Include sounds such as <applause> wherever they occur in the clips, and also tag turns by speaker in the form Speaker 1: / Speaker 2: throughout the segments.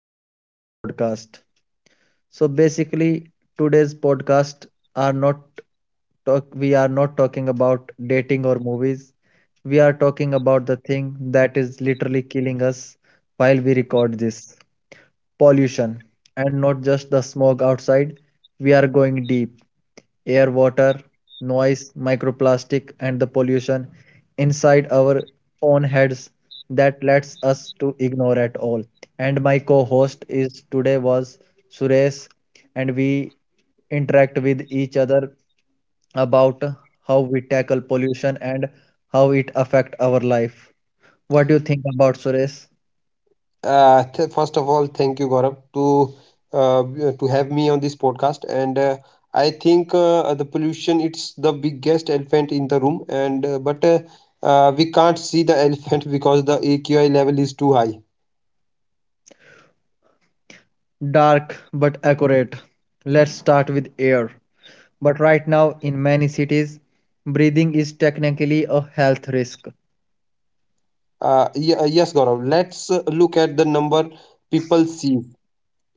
Speaker 1: to our new podcast. So, basically, today's podcast are not talk. We are not talking about dating or movies. We are talking about the thing that is literally killing us while we record this pollution, and not just the smog outside. We are going deep. Air, water, noise, microplastic, and the pollution inside our own heads that lets us to ignore at all. And my co-host is today was Suresh, and we interact with each other about how we tackle pollution and how it affect our life. What do you think about Suresh?
Speaker 2: First of all, thank you, Gaurav, to have me on this podcast. And I think the pollution it's the biggest elephant in the room. And but we can't see the <laughs> elephant because the AQI level is too high.
Speaker 1: Dark but accurate. Let's start with air. But right now, in many cities, breathing is technically a health risk.
Speaker 2: Yes, Gaurav. Let's look at the number people see.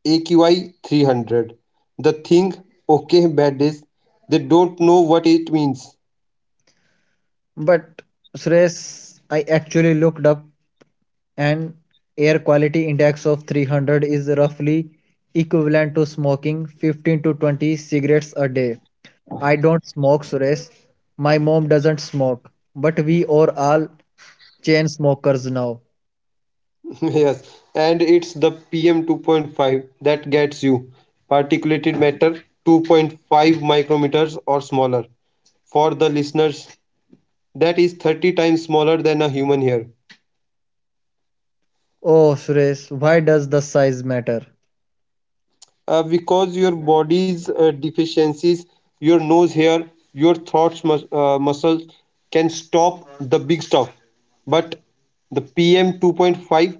Speaker 2: AQI 300. The thing, okay, bad days. They don't know what it means.
Speaker 1: But Suresh, I actually looked up and air quality index of 300 is roughly equivalent to smoking 15 to 20 cigarettes a day. I don't smoke, Suresh. My mom doesn't smoke. But we are all chain smokers now.
Speaker 2: <laughs> Yes, and it's the PM 2.5 that gets you. Particulated matter 2.5 micrometers or smaller. For the listeners, that is 30 times smaller than a human hair.
Speaker 1: Oh, Suresh, why does the size matter?
Speaker 2: Because your body's deficiencies, your nose hair, your throat muscles can stop the big stuff. But the PM 2.5,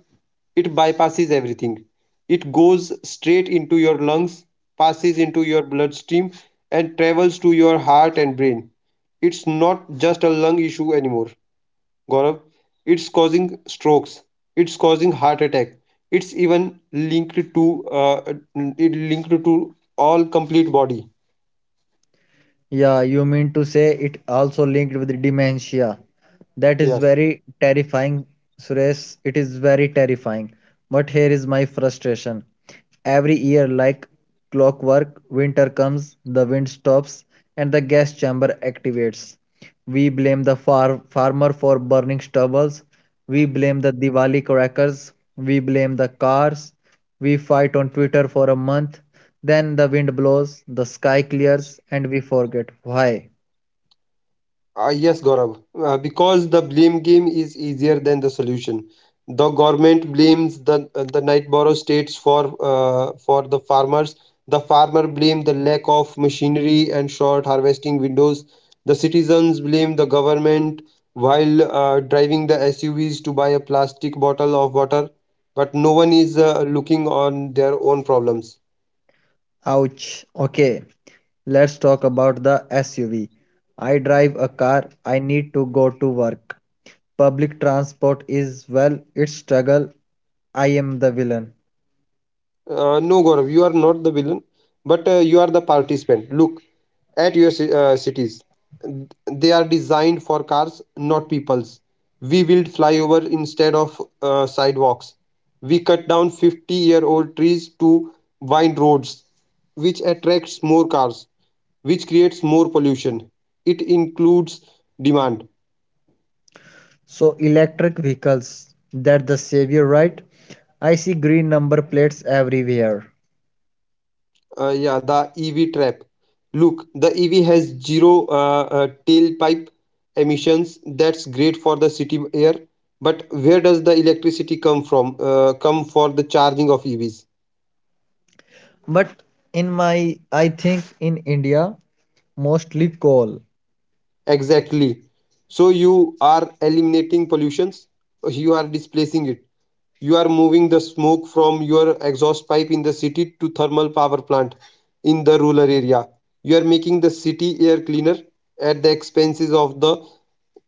Speaker 2: it bypasses everything. It goes straight into your lungs, passes into your bloodstream, and travels to your heart and brain. It's not just a lung issue anymore. Gaurav, it's causing strokes, it's causing heart attack, it's even linked to all complete body.
Speaker 1: Yeah, you mean to say it also linked with dementia. That is
Speaker 2: Yes.
Speaker 1: very terrifying, Suresh. It is very terrifying. But here is my frustration. Every year, like clockwork, winter comes, the wind stops, and the gas chamber activates. We blame the farmer for burning stubbles. We blame the Diwali crackers. We blame the cars. We fight on Twitter for a month. Then the wind blows, the sky clears, and we forget why.
Speaker 2: Yes, Gaurav, because the blame game is easier than the solution. The government blames the night borrow states for the farmers. The farmer blame the lack of machinery and short harvesting windows. The citizens blame the government while driving the SUVs to buy a plastic bottle of water, but no one is looking on their own problems.
Speaker 1: Ouch. Okay, let's talk about the SUV. I drive a car, I need to go to work. Public transport is, well, its struggle. I am the villain.
Speaker 2: No, Gaurav, you are not the villain, but you are the participant. Look at your cities. They are designed for cars, not peoples. We build flyover instead of sidewalks. We cut down 50-year-old trees to wide roads, which attracts more cars, which creates more pollution. It includes demand.
Speaker 1: So electric vehicles, that the savior, right? I see green number plates everywhere.
Speaker 2: Yeah, the EV trap. Look, the EV has zero tailpipe emissions. That's great for the city air. But where does the electricity come from? Come for the charging of EVs?
Speaker 1: But in my, I think in India, mostly coal
Speaker 2: Exactly. So you are eliminating pollutions, you are displacing it. You are moving the smoke from your exhaust pipe in the city to thermal power plant in the rural area. You are making the city air cleaner at the expenses of the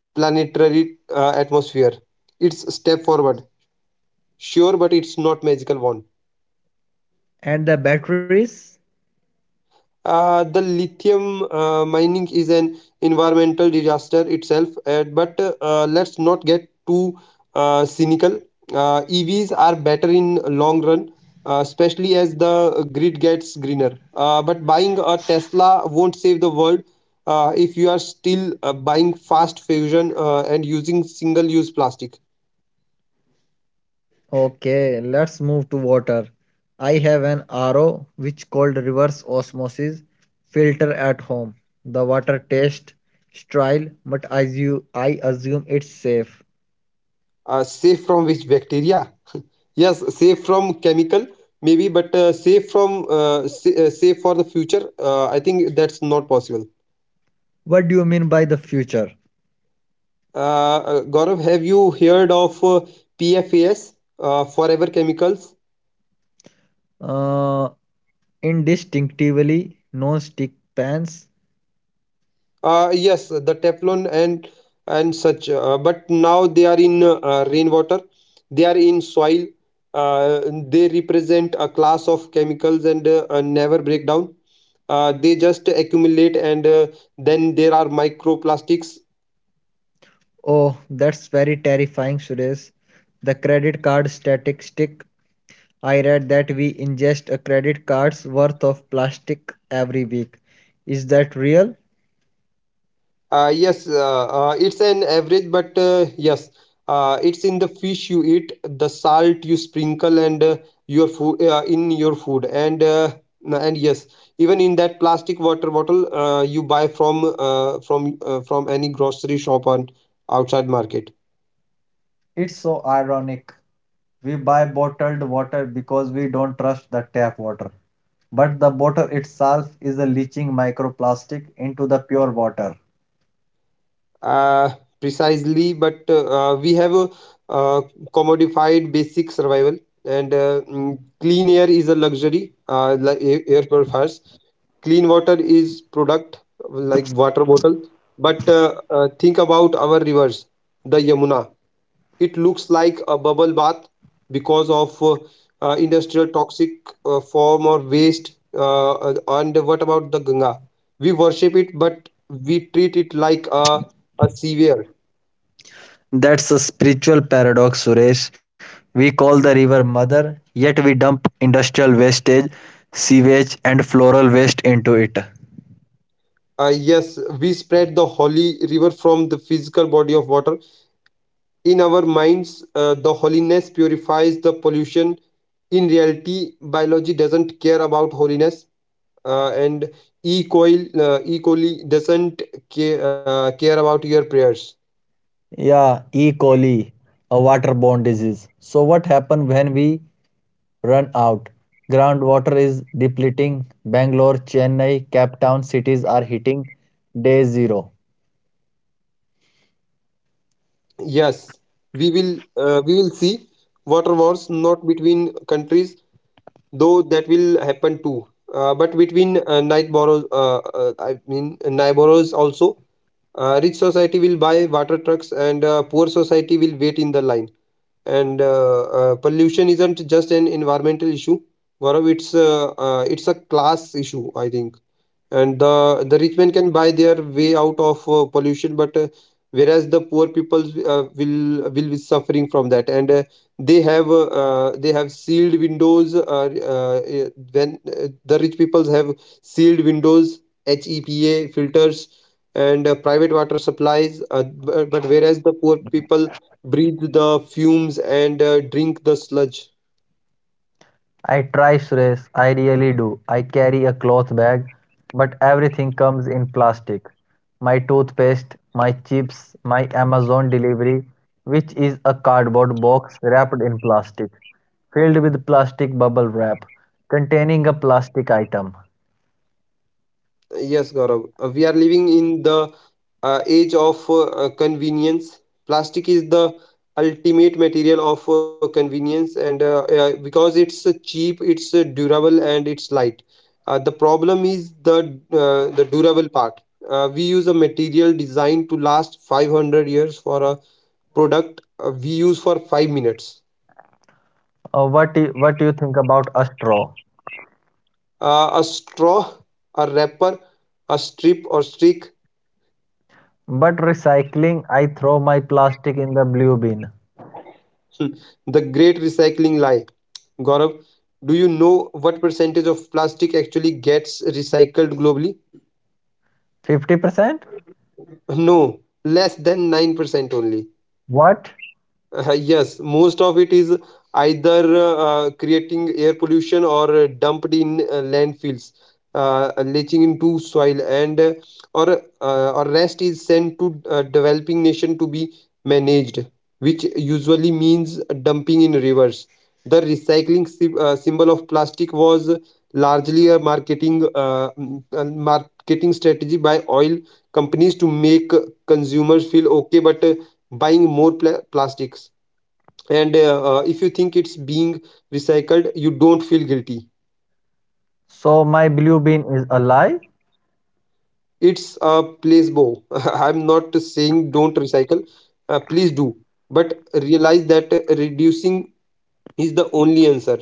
Speaker 2: planetary atmosphere. It's a step forward. Sure, but it's not magical wand.
Speaker 1: and the batteries.
Speaker 2: The lithium mining is an environmental disaster itself, but let's not get too cynical. EVs are better in long run, especially as the grid gets greener. But buying a Tesla won't save the world if you are still buying fast fusion and using single-use plastic.
Speaker 1: Okay, let's move to water. I have an RO which called reverse osmosis filter at home. The water tastes sterile, but as you, I assume it's safe.
Speaker 2: Safe from which bacteria? Yes, safe from chemical, maybe, but safe for the future. I think that's not possible.
Speaker 1: What do you mean by the future?
Speaker 2: Uh, Gaurav, have you heard of PFAS, forever chemicals?
Speaker 1: Uh, Indistinctively non-stick pans.
Speaker 2: Yes, the Teflon and such. But now they are in rainwater. They are in soil. Uh, they represent a class of chemicals and never break down. They just accumulate, and then there are microplastics.
Speaker 1: Oh, that's very terrifying, Suresh. The credit card statistic. I read that we ingest a credit card's worth of plastic every week. Is that real?
Speaker 2: Yes, it's an average, but yes, it's in the fish you eat, the salt you sprinkle, and your food in your food, and yes, even in that plastic water bottle you buy from any grocery shop on outside market.
Speaker 1: It's so ironic. We buy bottled water because we don't trust the tap water. But the bottle itself is a leaching microplastic into the pure water.
Speaker 2: uh, Precisely, but we have a uh, commodified basic survival, and clean air is a luxury, like air purifiers. Clean water is product, like water bottle. But think about our rivers. The Yamuna, it looks like a bubble bath because of industrial toxic form or waste. And what about the Ganga? We worship it, but we treat it like a sewer.
Speaker 1: That's a spiritual paradox, Suresh. We call the river mother, yet we dump industrial wastage, sewage, and floral waste into it.
Speaker 2: Yes, we spread the holy river from the physical body of water in our minds. The holiness purifies the pollution. In reality, biology doesn't care about holiness. And e coil equally doesn't care about your prayers.
Speaker 1: Yeah, E. coli, a waterborne disease. So, what happens when we run out? Groundwater is depleting. Bangalore, Chennai, Cape Town cities are hitting day zero.
Speaker 2: Yes, we will see water wars not between countries, though that will happen too, but between night borrows. I mean neighbors also. Rich society will buy water trucks, and poor society will wait in the line. And pollution isn't just an environmental issue, Gaurav. It's a class issue, I think, and the rich men can buy their way out of pollution, but whereas the poor people will be suffering from that. And they have sealed windows. When the rich peoples have sealed windows, HEPA filters, and private water supplies, but whereas the poor people breathe the fumes and drink the sludge.
Speaker 1: I try, Suresh. I really do. I carry a cloth bag, but everything comes in plastic. My toothpaste, my chips, my Amazon delivery, which is a cardboard box wrapped in plastic, filled with plastic bubble wrap, containing a plastic item.
Speaker 2: Yes, Gaurav. We are living in the age of convenience. Plastic is the ultimate material of convenience, and because it's cheap, it's durable, and it's light. The problem is the durable part. We use a material designed to last 500 years for a product we use for 5 minutes.
Speaker 1: What do you think about a straw?
Speaker 2: A straw, a wrapper, a strip or stick.
Speaker 1: But recycling, I throw my plastic in the blue bin.
Speaker 2: <laughs> The great recycling lie, Gaurav. Do you know what percentage of plastic actually gets recycled globally?
Speaker 1: 50%?
Speaker 2: No, less than 9% only.
Speaker 1: What?
Speaker 2: Yes, most of it is either creating air pollution, or dumped in landfills, leaching into soil, and or rest is sent to developing nation to be managed, which usually means dumping in rivers. The recycling symbol of plastic was largely a marketing strategy by oil companies to make consumers feel okay, but buying more plastics. And if you think it's being recycled, you don't feel guilty.
Speaker 1: So my blue bin is a lie?
Speaker 2: It's a placebo. <laughs> I'm not saying don't recycle. Please do. But realize that reducing is the only answer.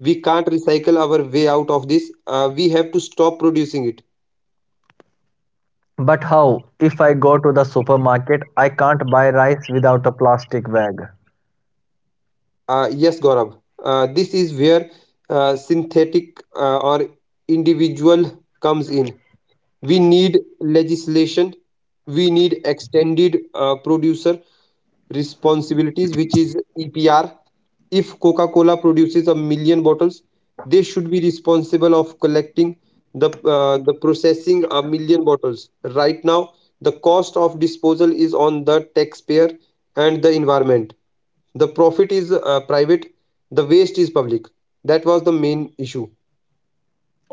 Speaker 2: We can't recycle our way out of this. We have to stop producing it.
Speaker 1: But how? If I go to the supermarket, I can't buy rice without a plastic bag.
Speaker 2: Yes, Gaurav. This is where synthetic or individual comes in. We need legislation. We need extended producer responsibilities, which is EPR. If Coca Cola produces a million bottles, they should be responsible of collecting the processing a million bottles. Right now, the cost of disposal is on the taxpayer and the environment. The profit is private. The waste is public. That was the main issue.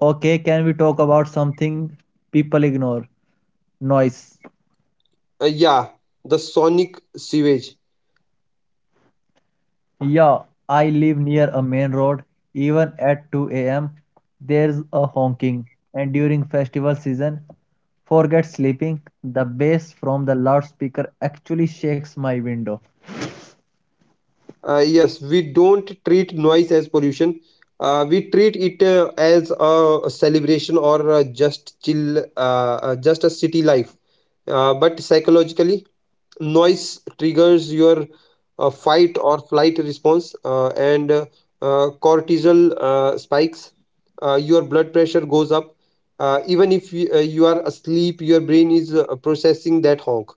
Speaker 1: Okay, can we talk about something people ignore? Noise.
Speaker 2: Yeah, the sonic sewage.
Speaker 1: Yeah, I live near a main road. Even at 2 a.m., there's a honking. And during festival season, forget sleeping. The bass from the loudspeaker actually shakes my window.
Speaker 2: Yes, we don't treat noise as pollution. We treat it as a celebration, or just chill, just a city life. But psychologically, noise triggers your fight or flight response, and cortisol spikes. Your blood pressure goes up. Even if you are asleep, your brain is processing that honk.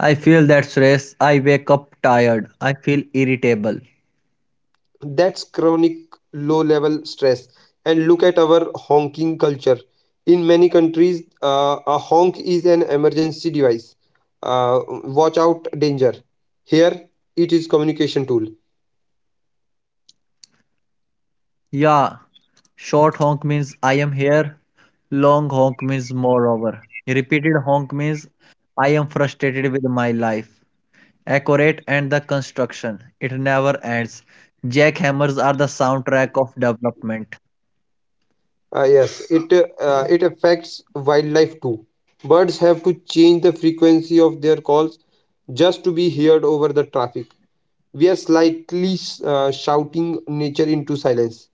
Speaker 1: I feel that stress. I wake up tired. I feel irritable.
Speaker 2: That's chronic low level stress. And look at our honking culture. In many countries, a honk is an emergency device. Uh, Watch out, danger. Here, it is communication tool.
Speaker 1: Yeah, short honk means I am here, long honk means moreover. Repeated honk means I am frustrated with my life. Accurate and the construction, it never ends. Jackhammers are the soundtrack of development.
Speaker 2: Yes, it affects wildlife too. Birds have to change the frequency of their calls just to be heard over the traffic. We are slightly shouting nature into silence.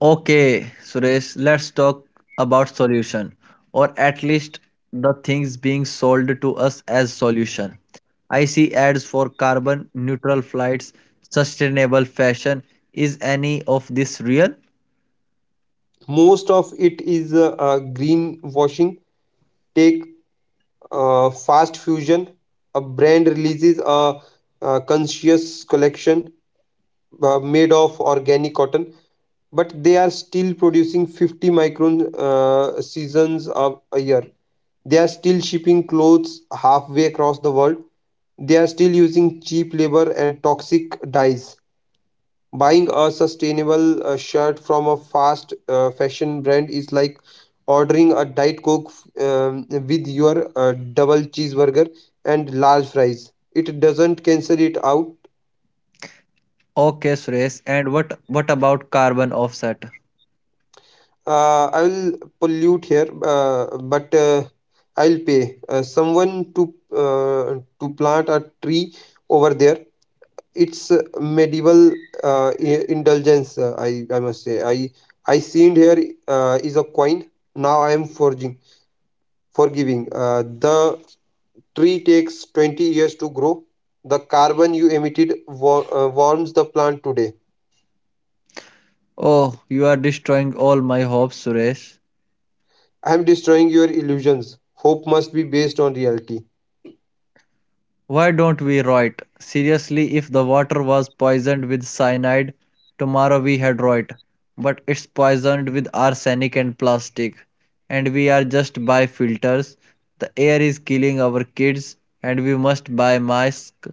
Speaker 1: Okay, Suresh, let's talk about solution or at least the things being sold to us as solution. I see ads for carbon neutral flights, sustainable fashion. Is any of this real?
Speaker 2: Most of it is greenwashing. Take Fast Fusion, a brand releases a conscious collection made of organic cotton, but they are still producing 50 micron seasons of a year. They are still shipping clothes halfway across the world. They are still using cheap labor and toxic dyes. Buying a sustainable shirt from a fast fashion brand is like ordering a Diet Coke with your double cheeseburger and large fries. It doesn't cancel it out.
Speaker 1: Okay, Suresh, and what about carbon offset?
Speaker 2: I will pollute here, but I'll pay someone to plant a tree over there. It's medieval indulgence. I must say I seen here is a coin. Now I am forging. For giving. The tree takes 20 years to grow. The carbon you emitted warms the plant today.
Speaker 1: Oh, you are destroying all my hopes, Suresh.
Speaker 2: I am destroying your illusions. Hope must be based on reality.
Speaker 1: Why don't we write seriously, if the water was poisoned with cyanide, tomorrow we had rot. But it's poisoned with arsenic and plastic, and we are just buy filters. The air is killing our kids, and we must buy masks.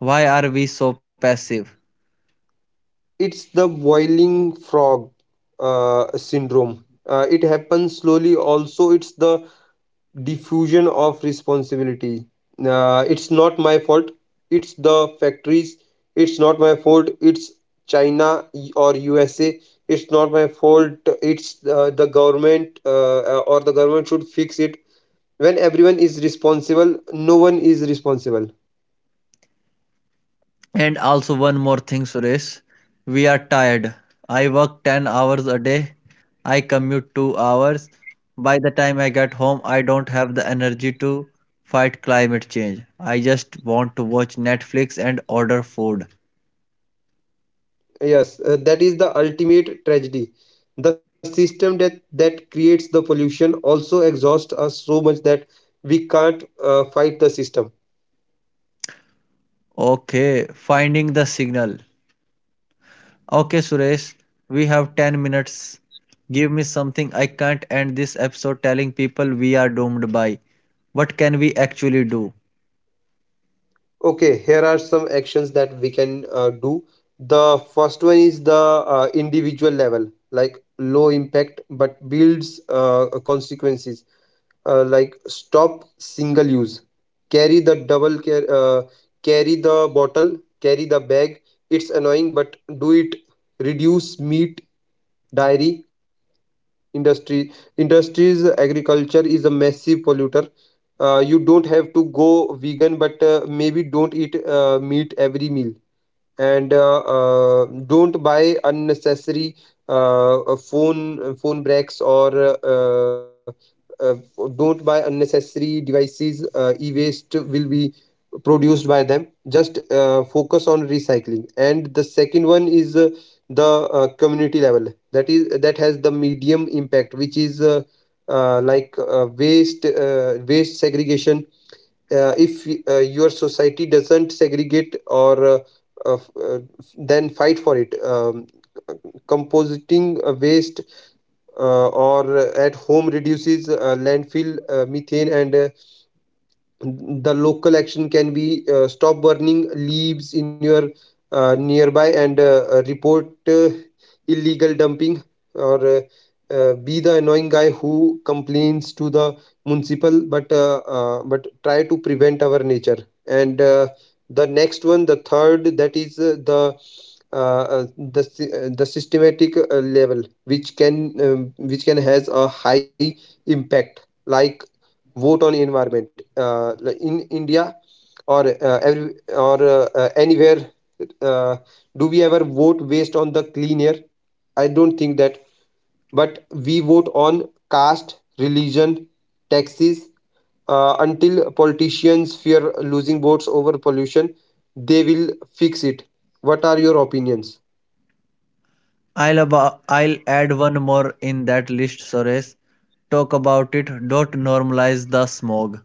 Speaker 1: Why are we so passive?
Speaker 2: It's the boiling frog syndrome. It happens slowly. Also, it's the diffusion of responsibility. It's not my fault, it's the factories. It's not my fault, it's China or USA. It's not my fault, it's the government. Or the government should fix it. When everyone is responsible, no one is responsible.
Speaker 1: And also one more thing, Suresh. We are tired. I work 10 hours a day. I commute 2 hours. By the time I get home, I don't have the energy to fight climate change. I just want to watch Netflix and order food.
Speaker 2: Yes, that is the ultimate tragedy. The system that creates the pollution also exhausts us so much that we can't fight the system.
Speaker 1: Okay, finding the signal. Okay, Suresh, we have 10 minutes. Give me something I can't end this episode telling people we are doomed by. What can we actually do?
Speaker 2: Okay, here are some actions that we can do. The first one is the individual level, like low impact but builds consequences, like stop single use, carry the double care, carry the bottle, carry the bag. It's annoying, but do it. Reduce meat, dairy, industry industries agriculture is a massive polluter. You don't have to go vegan, but maybe don't eat meat every meal. And don't buy unnecessary phone breaks, or uh, don't buy unnecessary devices. E-waste will be produced by them. Just focus on recycling. And the second one is the community level, that has the medium impact, which is like waste segregation. If your society doesn't segregate, or uh, f- uh, then fight for it. Compositing waste or at home reduces landfill methane. And the local action can be stop burning leaves in your nearby. And report illegal dumping, or be the annoying guy who complains to the municipal, but try to prevent our nature. And the next one, the third, that is the systematic level, which can has a high impact. Like vote on environment, like in India, or every or anywhere. uh, do we ever vote based on the clean air? I don't think that. But we vote on caste, religion, taxes. Until politicians fear losing votes over pollution, they will fix it. What are your opinions?
Speaker 1: I'll add one more in that list, Suresh. Talk about it. Don't normalize the smog.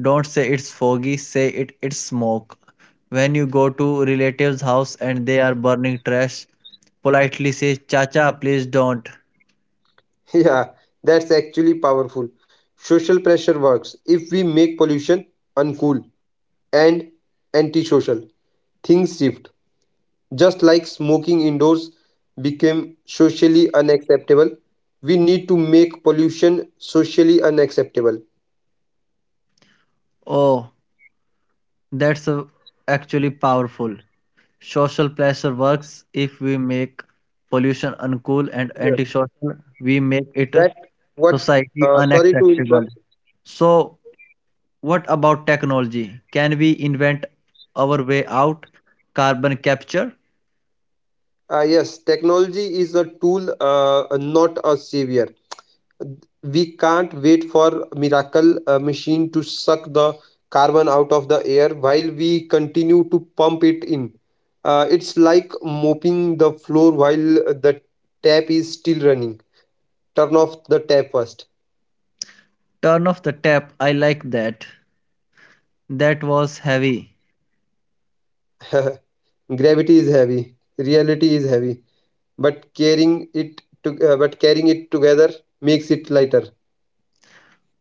Speaker 1: Don't say it's foggy. Say it's smoke. When you go to relatives' house and they are burning trash, politely say, "Chacha, please don't."
Speaker 2: <laughs> Yeah, that's actually powerful. Social pressure works. If we make pollution uncool and antisocial, things shift. Just like smoking indoors became socially unacceptable, we need to make pollution socially unacceptable.
Speaker 1: Oh, that's actually powerful. Social pressure works if we make pollution uncool and
Speaker 2: Yes.
Speaker 1: antisocial. We make it
Speaker 2: That what
Speaker 1: society
Speaker 2: Sorry to
Speaker 1: unacceptable.
Speaker 2: interrupt.
Speaker 1: So what about technology? Can we invent our way out? Carbon capture?
Speaker 2: Yes, technology is a tool, not a savior. We can't wait for miracle machine to suck the carbon out of the air while we continue to pump it in. It's like mopping the floor while the tap is still running. Turn off the tap first.
Speaker 1: Turn off the tap. I like that. That was heavy.
Speaker 2: <laughs> Gravity is heavy, reality is heavy, but carrying it together makes it lighter.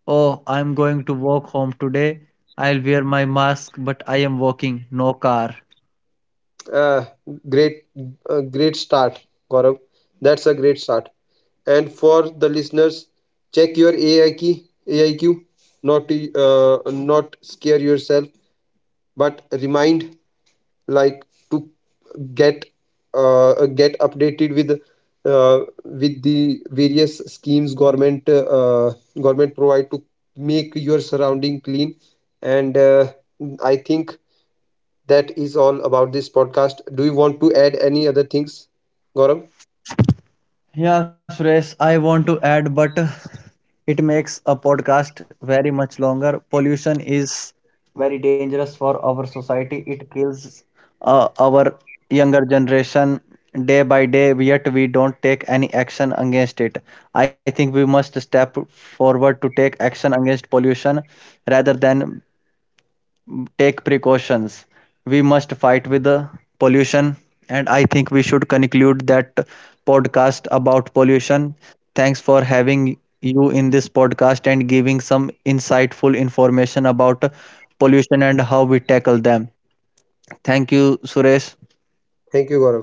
Speaker 1: Oh, I'm going to walk home today. I'll wear my mask, but I am walking, no car.
Speaker 2: Uh, great, great start, Gaurav. That's a great start. And for the listeners, check your AIQ, not scare yourself, but remind like to get get updated uh, with the various schemes government government provide to make your surrounding clean. And I think that is all about this podcast. Do you want to add any other things, Gaurav?
Speaker 1: Yeah, Suresh, I want to add, but it makes a podcast very much longer. Pollution is very dangerous for our society. It kills our younger generation day by day, yet we don't take any action against it. I think we must step forward to take action against pollution rather than take precautions we must fight with the pollution and I think we should conclude that podcast about pollution thanks for having you in this podcast and giving some insightful information about pollution and how we tackle them thank you suresh
Speaker 2: Thank you, Gaurav.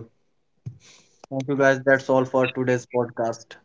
Speaker 1: thank you guys that's all for today's podcast